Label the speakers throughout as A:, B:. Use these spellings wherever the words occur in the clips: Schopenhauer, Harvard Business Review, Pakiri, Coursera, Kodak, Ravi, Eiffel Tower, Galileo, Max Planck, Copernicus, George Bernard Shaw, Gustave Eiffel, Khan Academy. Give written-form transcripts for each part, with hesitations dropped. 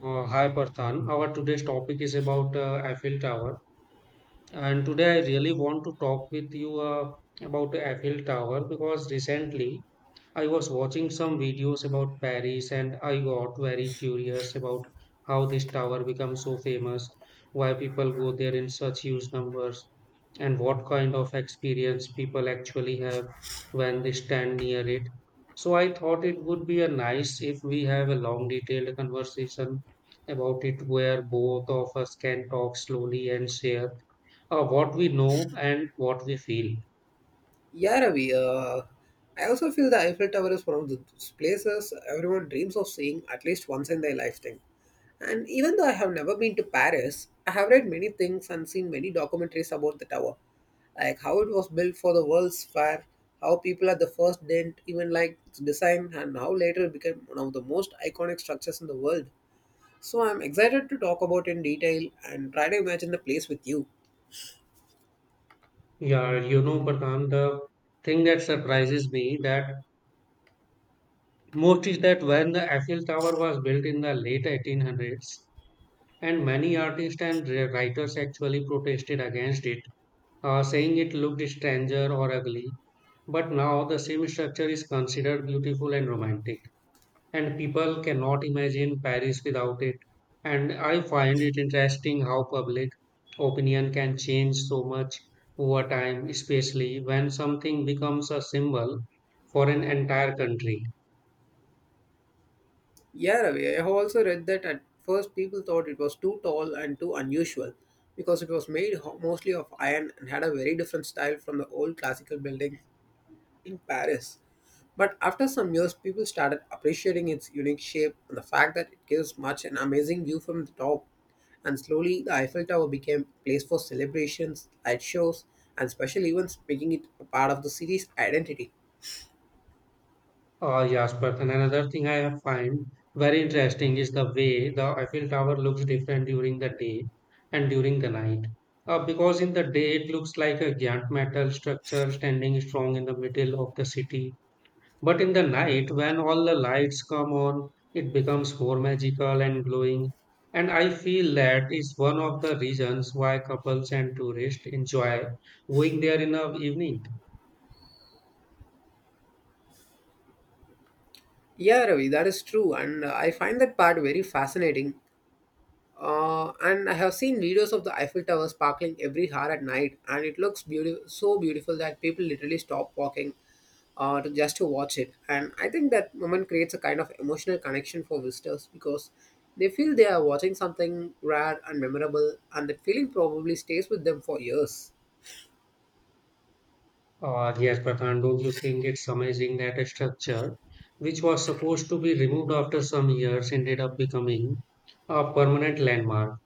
A: Hi Parthan. Our today's topic is about Eiffel Tower. And today I really want to talk with you about Eiffel Tower because recently I was watching some videos about Paris and I got very curious about how this tower become so famous, why people go there in such huge numbers, and what kind of experience people actually have when they stand near it. So I thought it would be a nice if we have a long detailed conversation about it where both of us can talk slowly and share what we know and what we feel.
B: Yeah, Ravi. I also feel the Eiffel Tower is one of those places everyone dreams of seeing at least once in their lifetime. And even though I have never been to Paris, I have read many things and seen many documentaries about the tower, like how it was built for the World's Fair, how people at the first didn't even like its design, and how later it became one of the most iconic structures in the world. So I'm excited to talk about in detail and try to imagine the place with you.
A: Yeah, you know, Parkan, the thing that surprises me that most is that when the Eiffel Tower was built in the late 1800s, and many artists and writers actually protested against it, saying it looked stranger or ugly. But now the same structure is considered beautiful and romantic. And people cannot imagine Paris without it. And I find it interesting how public opinion can change so much over time, especially when something becomes a symbol for an entire country.
B: Yeah, Ravi, I have also read that at first people thought it was too tall and too unusual because it was made mostly of iron and had a very different style from the old classical buildings in Paris. But after some years, people started appreciating its unique shape and the fact that it gives much an amazing view from the top. And slowly, the Eiffel Tower became a place for celebrations, light shows, and special events, making it a part of the city's identity.
A: Yes, but and another thing I have find very interesting is the way the Eiffel Tower looks different during the day and during the night. Because in the day it looks like a giant metal structure standing strong in the middle of the city. But in the night, when all the lights come on, it becomes more magical and glowing. And I feel that is one of the reasons why couples and tourists enjoy going there in the evening.
B: Yeah, Ravi, that is true, and I find that part very fascinating. And I have seen videos of the Eiffel Tower sparkling every hour at night, and it looks beautiful, so beautiful that people literally stop walking just to watch it. And I think that moment creates a kind of emotional connection for visitors because they feel they are watching something rare and memorable, and that feeling probably stays with them for years.
A: Yes, Pradhan, don't you think it's amazing that a structure which was supposed to be removed after some years ended up becoming a permanent landmark?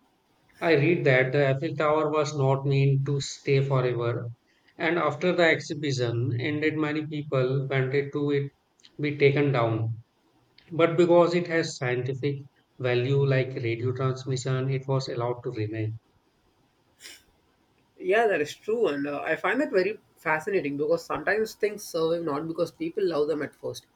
A: I read that the Eiffel Tower was not meant to stay forever, and after the exhibition ended, many people wanted to it be taken down. But because it has scientific value like radio transmission, it was allowed to remain.
B: Yeah, that is true, and I find that very fascinating because sometimes things survive not because people love them at first,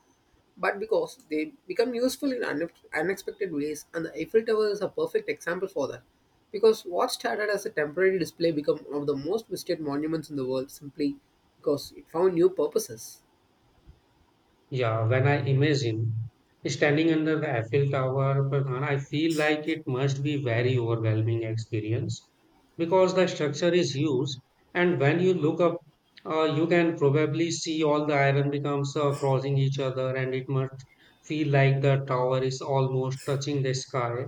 B: but because they become useful in unexpected ways, and the Eiffel Tower is a perfect example for that because what started as a temporary display became one of the most visited monuments in the world simply because it found new purposes.
A: Yeah, when I imagine standing under the Eiffel Tower, Farhan, I feel like it must be very overwhelming experience because the structure is huge, and when you look up, you can probably see all the iron becomes crossing each other, and it must feel like the tower is almost touching the sky.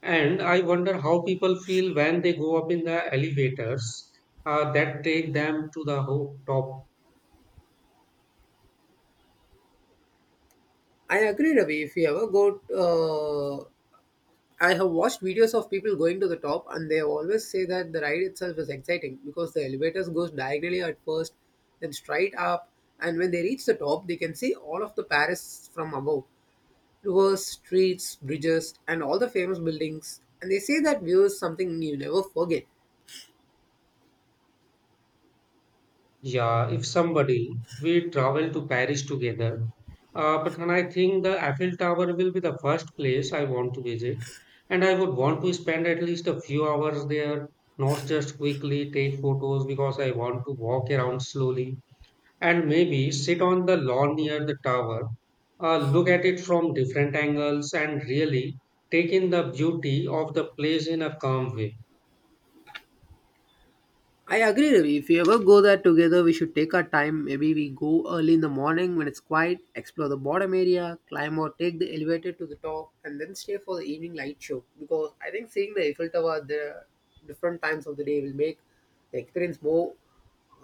A: And I wonder how people feel when they go up in the elevators that take them to the top.
B: I agree, Ravi. If you ever go uh, I have watched videos of people going to the top, and they always say that the ride itself is exciting because the elevators goes diagonally at first, then straight up, and when they reach the top they can see all of the Paris from above, rivers, streets, bridges, and all the famous buildings. And they say that view is something you never forget.
A: Yeah, if somebody we travel to Paris together, but then I think the Eiffel Tower will be the first place I want to visit, and I would want to spend at least a few hours there, not just quickly take photos because I want to walk around slowly and maybe sit on the lawn near the tower, look at it from different angles, and really take in the beauty of the place in a calm way.
B: I agree, Ravi. If you ever go there together, we should take our time. Maybe we go early in the morning when it's quiet, explore the bottom area, climb or take the elevator to the top, and then stay for the evening light show. Because I think seeing the Eiffel Tower at the different times of the day will make the experience more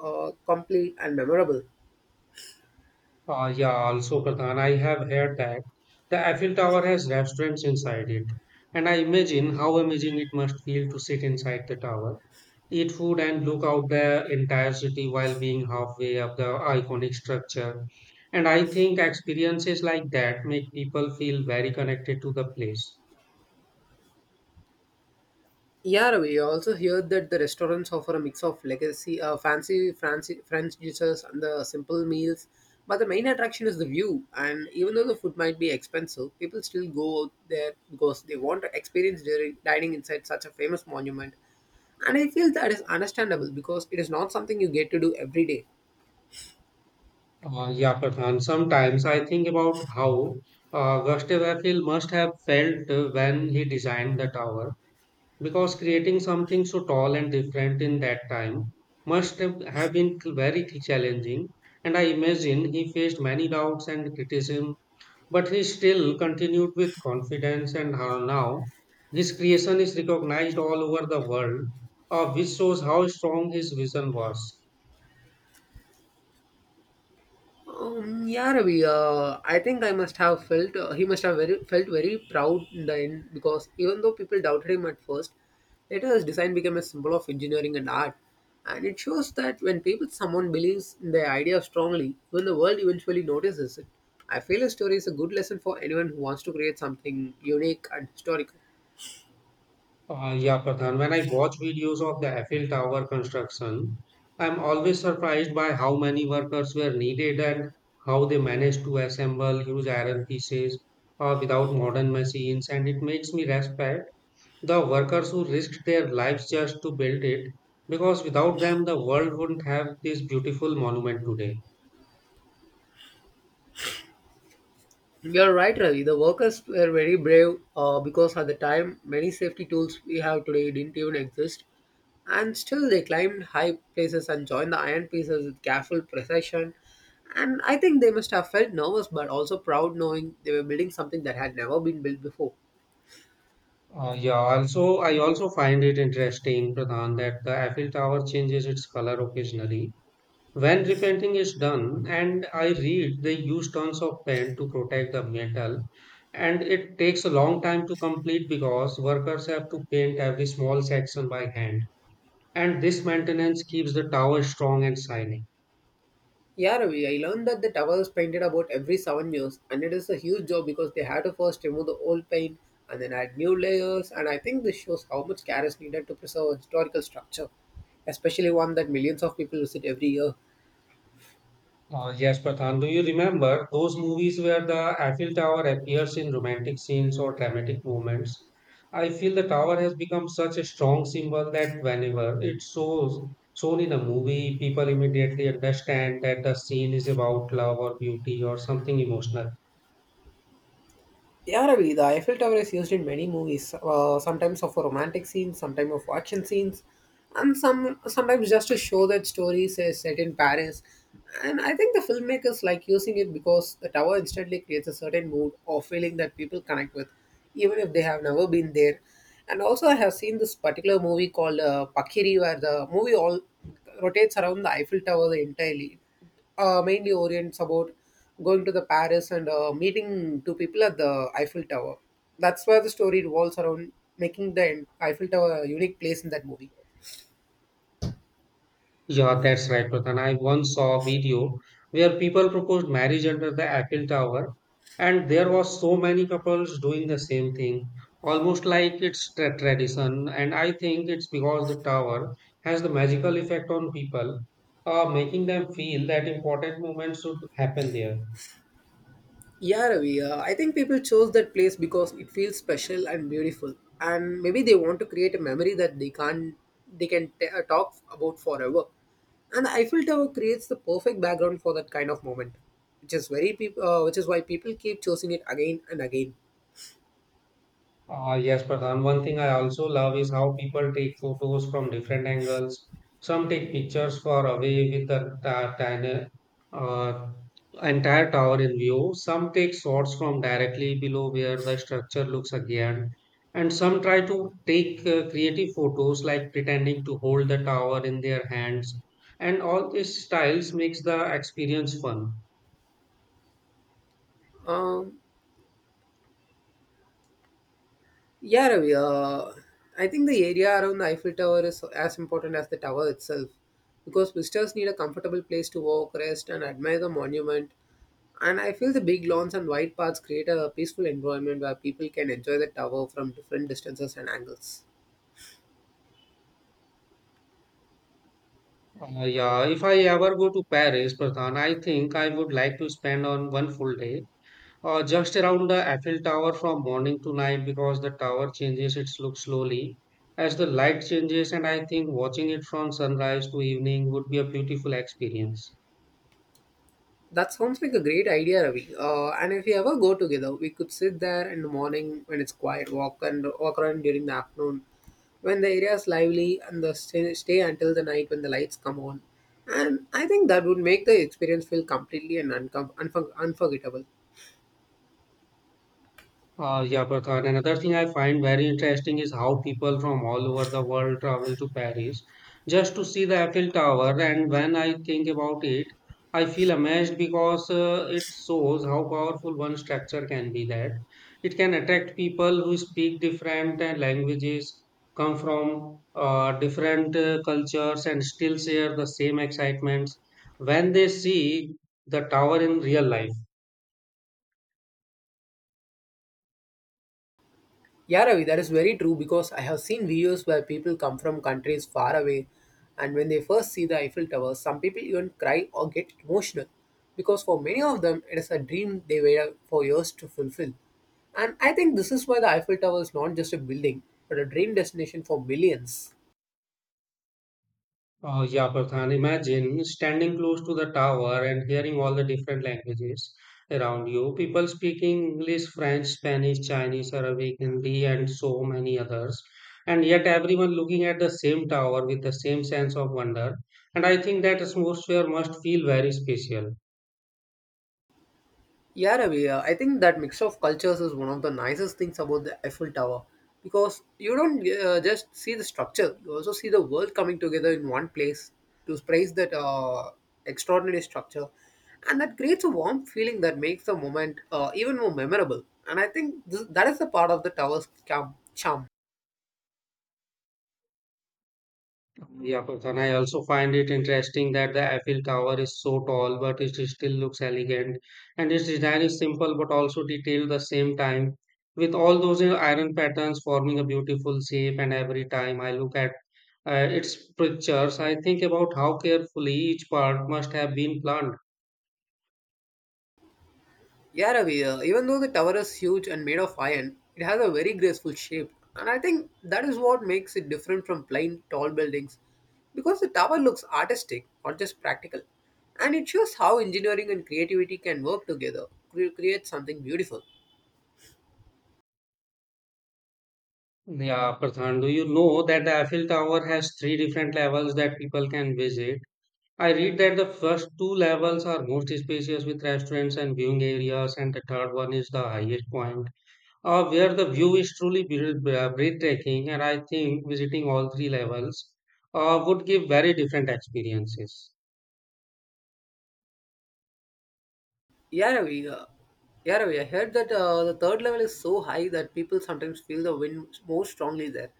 B: complete and memorable.
A: Ah, yeah, also Pradhan, I have heard that the Eiffel Tower has restaurants inside it, and I imagine how amazing it must feel to sit inside the tower, eat food, and look out the entire city while being halfway up the iconic structure. And I think experiences like that make people feel very connected to the place.
B: Yeah, we also hear that the restaurants offer a mix of legacy, uh, fancy, French dishes, and the simple meals. But the main attraction is the view, and even though the food might be expensive, people still go out there because they want to experience during dining inside such a famous monument. And I feel that is understandable because it is not something you get to do every day.
A: Yeah, Pradhan. Sometimes I think about how Gustave Eiffel must have felt when he designed the tower because creating something so tall and different in that time must have been very challenging, and I imagine he faced many doubts and criticism, but he still continued with confidence and how now his creation is recognized all over the world, which shows how strong his vision was.
B: Yeah, Ravi. I think I must have felt he must have very felt very proud in the end because even though people doubted him at first, later his design became a symbol of engineering and art, and it shows that when people someone believes in their idea strongly, even the world eventually notices it. I feel his story is a good lesson for anyone who wants to create something unique and historical.
A: Yeah, Pradhan. When I watch videos of the Eiffel Tower construction, I'm always surprised by how many workers were needed and how they managed to assemble huge iron pieces without modern machines. And it makes me respect the workers who risked their lives just to build it, because without them, the world wouldn't have this beautiful monument today.
B: You're right, Ravi. The workers were very brave because at the time, many safety tools we have today didn't even exist. And still, they climbed high places and joined the iron pieces with careful precision. And I think they must have felt nervous but also proud knowing they were building something that had never been built before.
A: Yeah, also, I also find it interesting, Pradhan, that the Eiffel Tower changes its color occasionally when repainting is done, and I read, they use tons of paint to protect the metal, and it takes a long time to complete because workers have to paint every small section by hand. And this maintenance keeps the tower strong and shining.
B: Yeah, Ravi, I learned that the tower was painted about every 7 years, and it is a huge job because they had to first remove the old paint and then add new layers. And I think this shows how much care is needed to preserve a historical structure, especially one that millions of people visit every year.
A: Yes, Prathan. Do you remember those movies where the Eiffel Tower appears in romantic scenes or dramatic moments? I feel the tower has become such a strong symbol that whenever shown in a movie, people immediately understand that the scene is about love or beauty or something emotional.
B: Yeah, Yaravida, Eiffel Tower is used in many movies, sometimes for romantic scenes, sometimes for action scenes, and sometimes just to show that stories is set in Paris. And I think the filmmakers like using it because the tower instantly creates a certain mood or feeling that people connect with, even if they have never been there. And also, I have seen this particular movie called Pakiri, where the movie all rotates around the Eiffel Tower entirely. Mainly orients about going to the Paris and meeting two people at the Eiffel Tower. That's where the story revolves around, making the Eiffel Tower a unique place in that movie.
A: Yeah, that's right, Pradhan. I once saw a video where people proposed marriage under the Eiffel Tower, and there was so many couples doing the same thing, almost like it's tradition. And I think it's because the tower has the magical effect on people, making them feel that important moments should happen there.
B: Yeah, Ravi, I think people chose that place because it feels special and beautiful, and maybe they want to create a memory that they can't they can t- talk about forever. And the Eiffel Tower creates the perfect background for that kind of moment, which is which is why people keep choosing it again and again.
A: Yes, Pradhan. One thing I also love is how people take photos from different angles. Some take pictures far away with the tiny, uh, entire tower in view. Some take shots from directly below where the structure looks again. And some try to take creative photos like pretending to hold the tower in their hands. And all these styles makes the experience fun.
B: Um, Yeah, Ravi, I think the area around the Eiffel Tower is as important as the tower itself because visitors need a comfortable place to walk, rest, and admire the monument. And I feel the big lawns and wide paths create a peaceful environment where people can enjoy the tower from different distances and angles.
A: Yeah, if I ever go to Paris, Pradhan, I think I would like to spend on one full day just around the Eiffel Tower from morning to night because the tower changes its look slowly as the light changes, and I think watching it from sunrise to evening would be a beautiful experience.
B: That sounds like a great idea, Ravi. And if we ever go together, we could sit there in the morning when it's quiet, walk around during the afternoon when the area is lively, and stay until the night when the lights come on. And I think that would make the experience feel completely and unforgettable.
A: Yeah, Prakash. Another thing I find very interesting is how people from all over the world travel to Paris just to see the Eiffel Tower. And when I think about it, I feel amazed because it shows how powerful one structure can be. That it can attract people who speak different languages, come from different cultures, and still share the same excitements when they see the tower in real life.
B: Yeah, Ravi, that is very true because I have seen videos where people come from countries far away, and when they first see the Eiffel Tower, some people even cry or get emotional because for many of them it is a dream they waited for years to fulfill. And I think this is why the Eiffel Tower is not just a building but a dream destination for millions.
A: Oh, yeah, Pradhan. Imagine standing close to the tower and hearing all the different languages around you. People speaking English, French, Spanish, Chinese, Arabic, Hindi, and so many others. And yet, everyone looking at the same tower with the same sense of wonder. And I think that atmosphere must feel very special.
B: Yeah, Ravi, I think that mix of cultures is one of the nicest things about the Eiffel Tower because you don't just see the structure, you also see the world coming together in one place to praise that extraordinary structure. And that creates a warm feeling that makes the moment even more memorable. And I think that is the part of the tower's charm.
A: Yeah, Farhan, I also find it interesting that the Eiffel Tower is so tall, but it still looks elegant. And its design is simple but also detailed at the same time, with all those iron patterns forming a beautiful shape. And every time I look at its pictures, I think about how carefully each part must have been planned.
B: Yeah, Ravi, even though the tower is huge and made of iron, it has a very graceful shape. And I think that is what makes it different from plain tall buildings. Because the tower looks artistic, not just practical. And it shows how engineering and creativity can work together to create something beautiful.
A: Yeah, Prathan, do you know that the Eiffel Tower has three different levels that people can visit? I read that the first two levels are most spacious with restaurants and viewing areas, and the third one is the highest point, where the view is truly breathtaking. And I think visiting all three levels would give very different experiences.
B: Yeah, Yaravia. I heard that the third level is so high that people sometimes feel the wind more strongly there.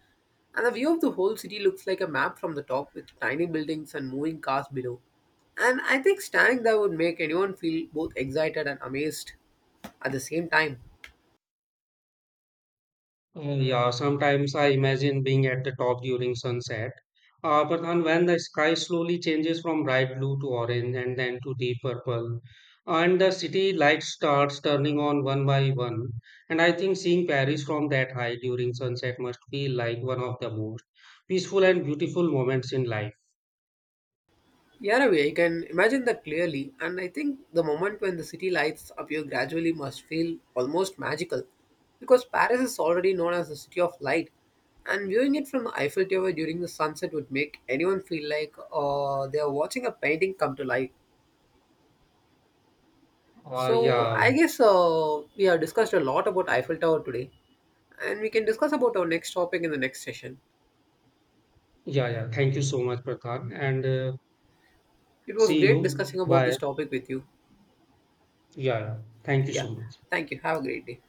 B: And the view of the whole city looks like a map from the top with tiny buildings and moving cars below. And I think standing there would make anyone feel both excited and amazed at the same time.
A: Yeah, sometimes I imagine being at the top during sunset. Pradhan, when the sky slowly changes from bright blue to orange and then to deep purple, and the city lights starts turning on one by one, and I think seeing Paris from that high during sunset must feel like one of the most peaceful and beautiful moments in life.
B: Yeah, Ravi, I can imagine that clearly, and I think the moment when the city lights appear gradually must feel almost magical, because Paris is already known as the city of light, and viewing it from the Eiffel Tower during the sunset would make anyone feel like they are watching a painting come to life. So
A: Yeah,
B: I guess we have discussed a lot about Eiffel Tower today, and we can discuss about our next topic in the next session.
A: yeah, yeah. Thank you so much, Pradhan, and
B: It was
A: see
B: great
A: you.
B: discussing about
A: Bye.
B: this topic with you.
A: Yeah, yeah. Thank you so
B: Yeah,
A: much.
B: thank you. Have a great day.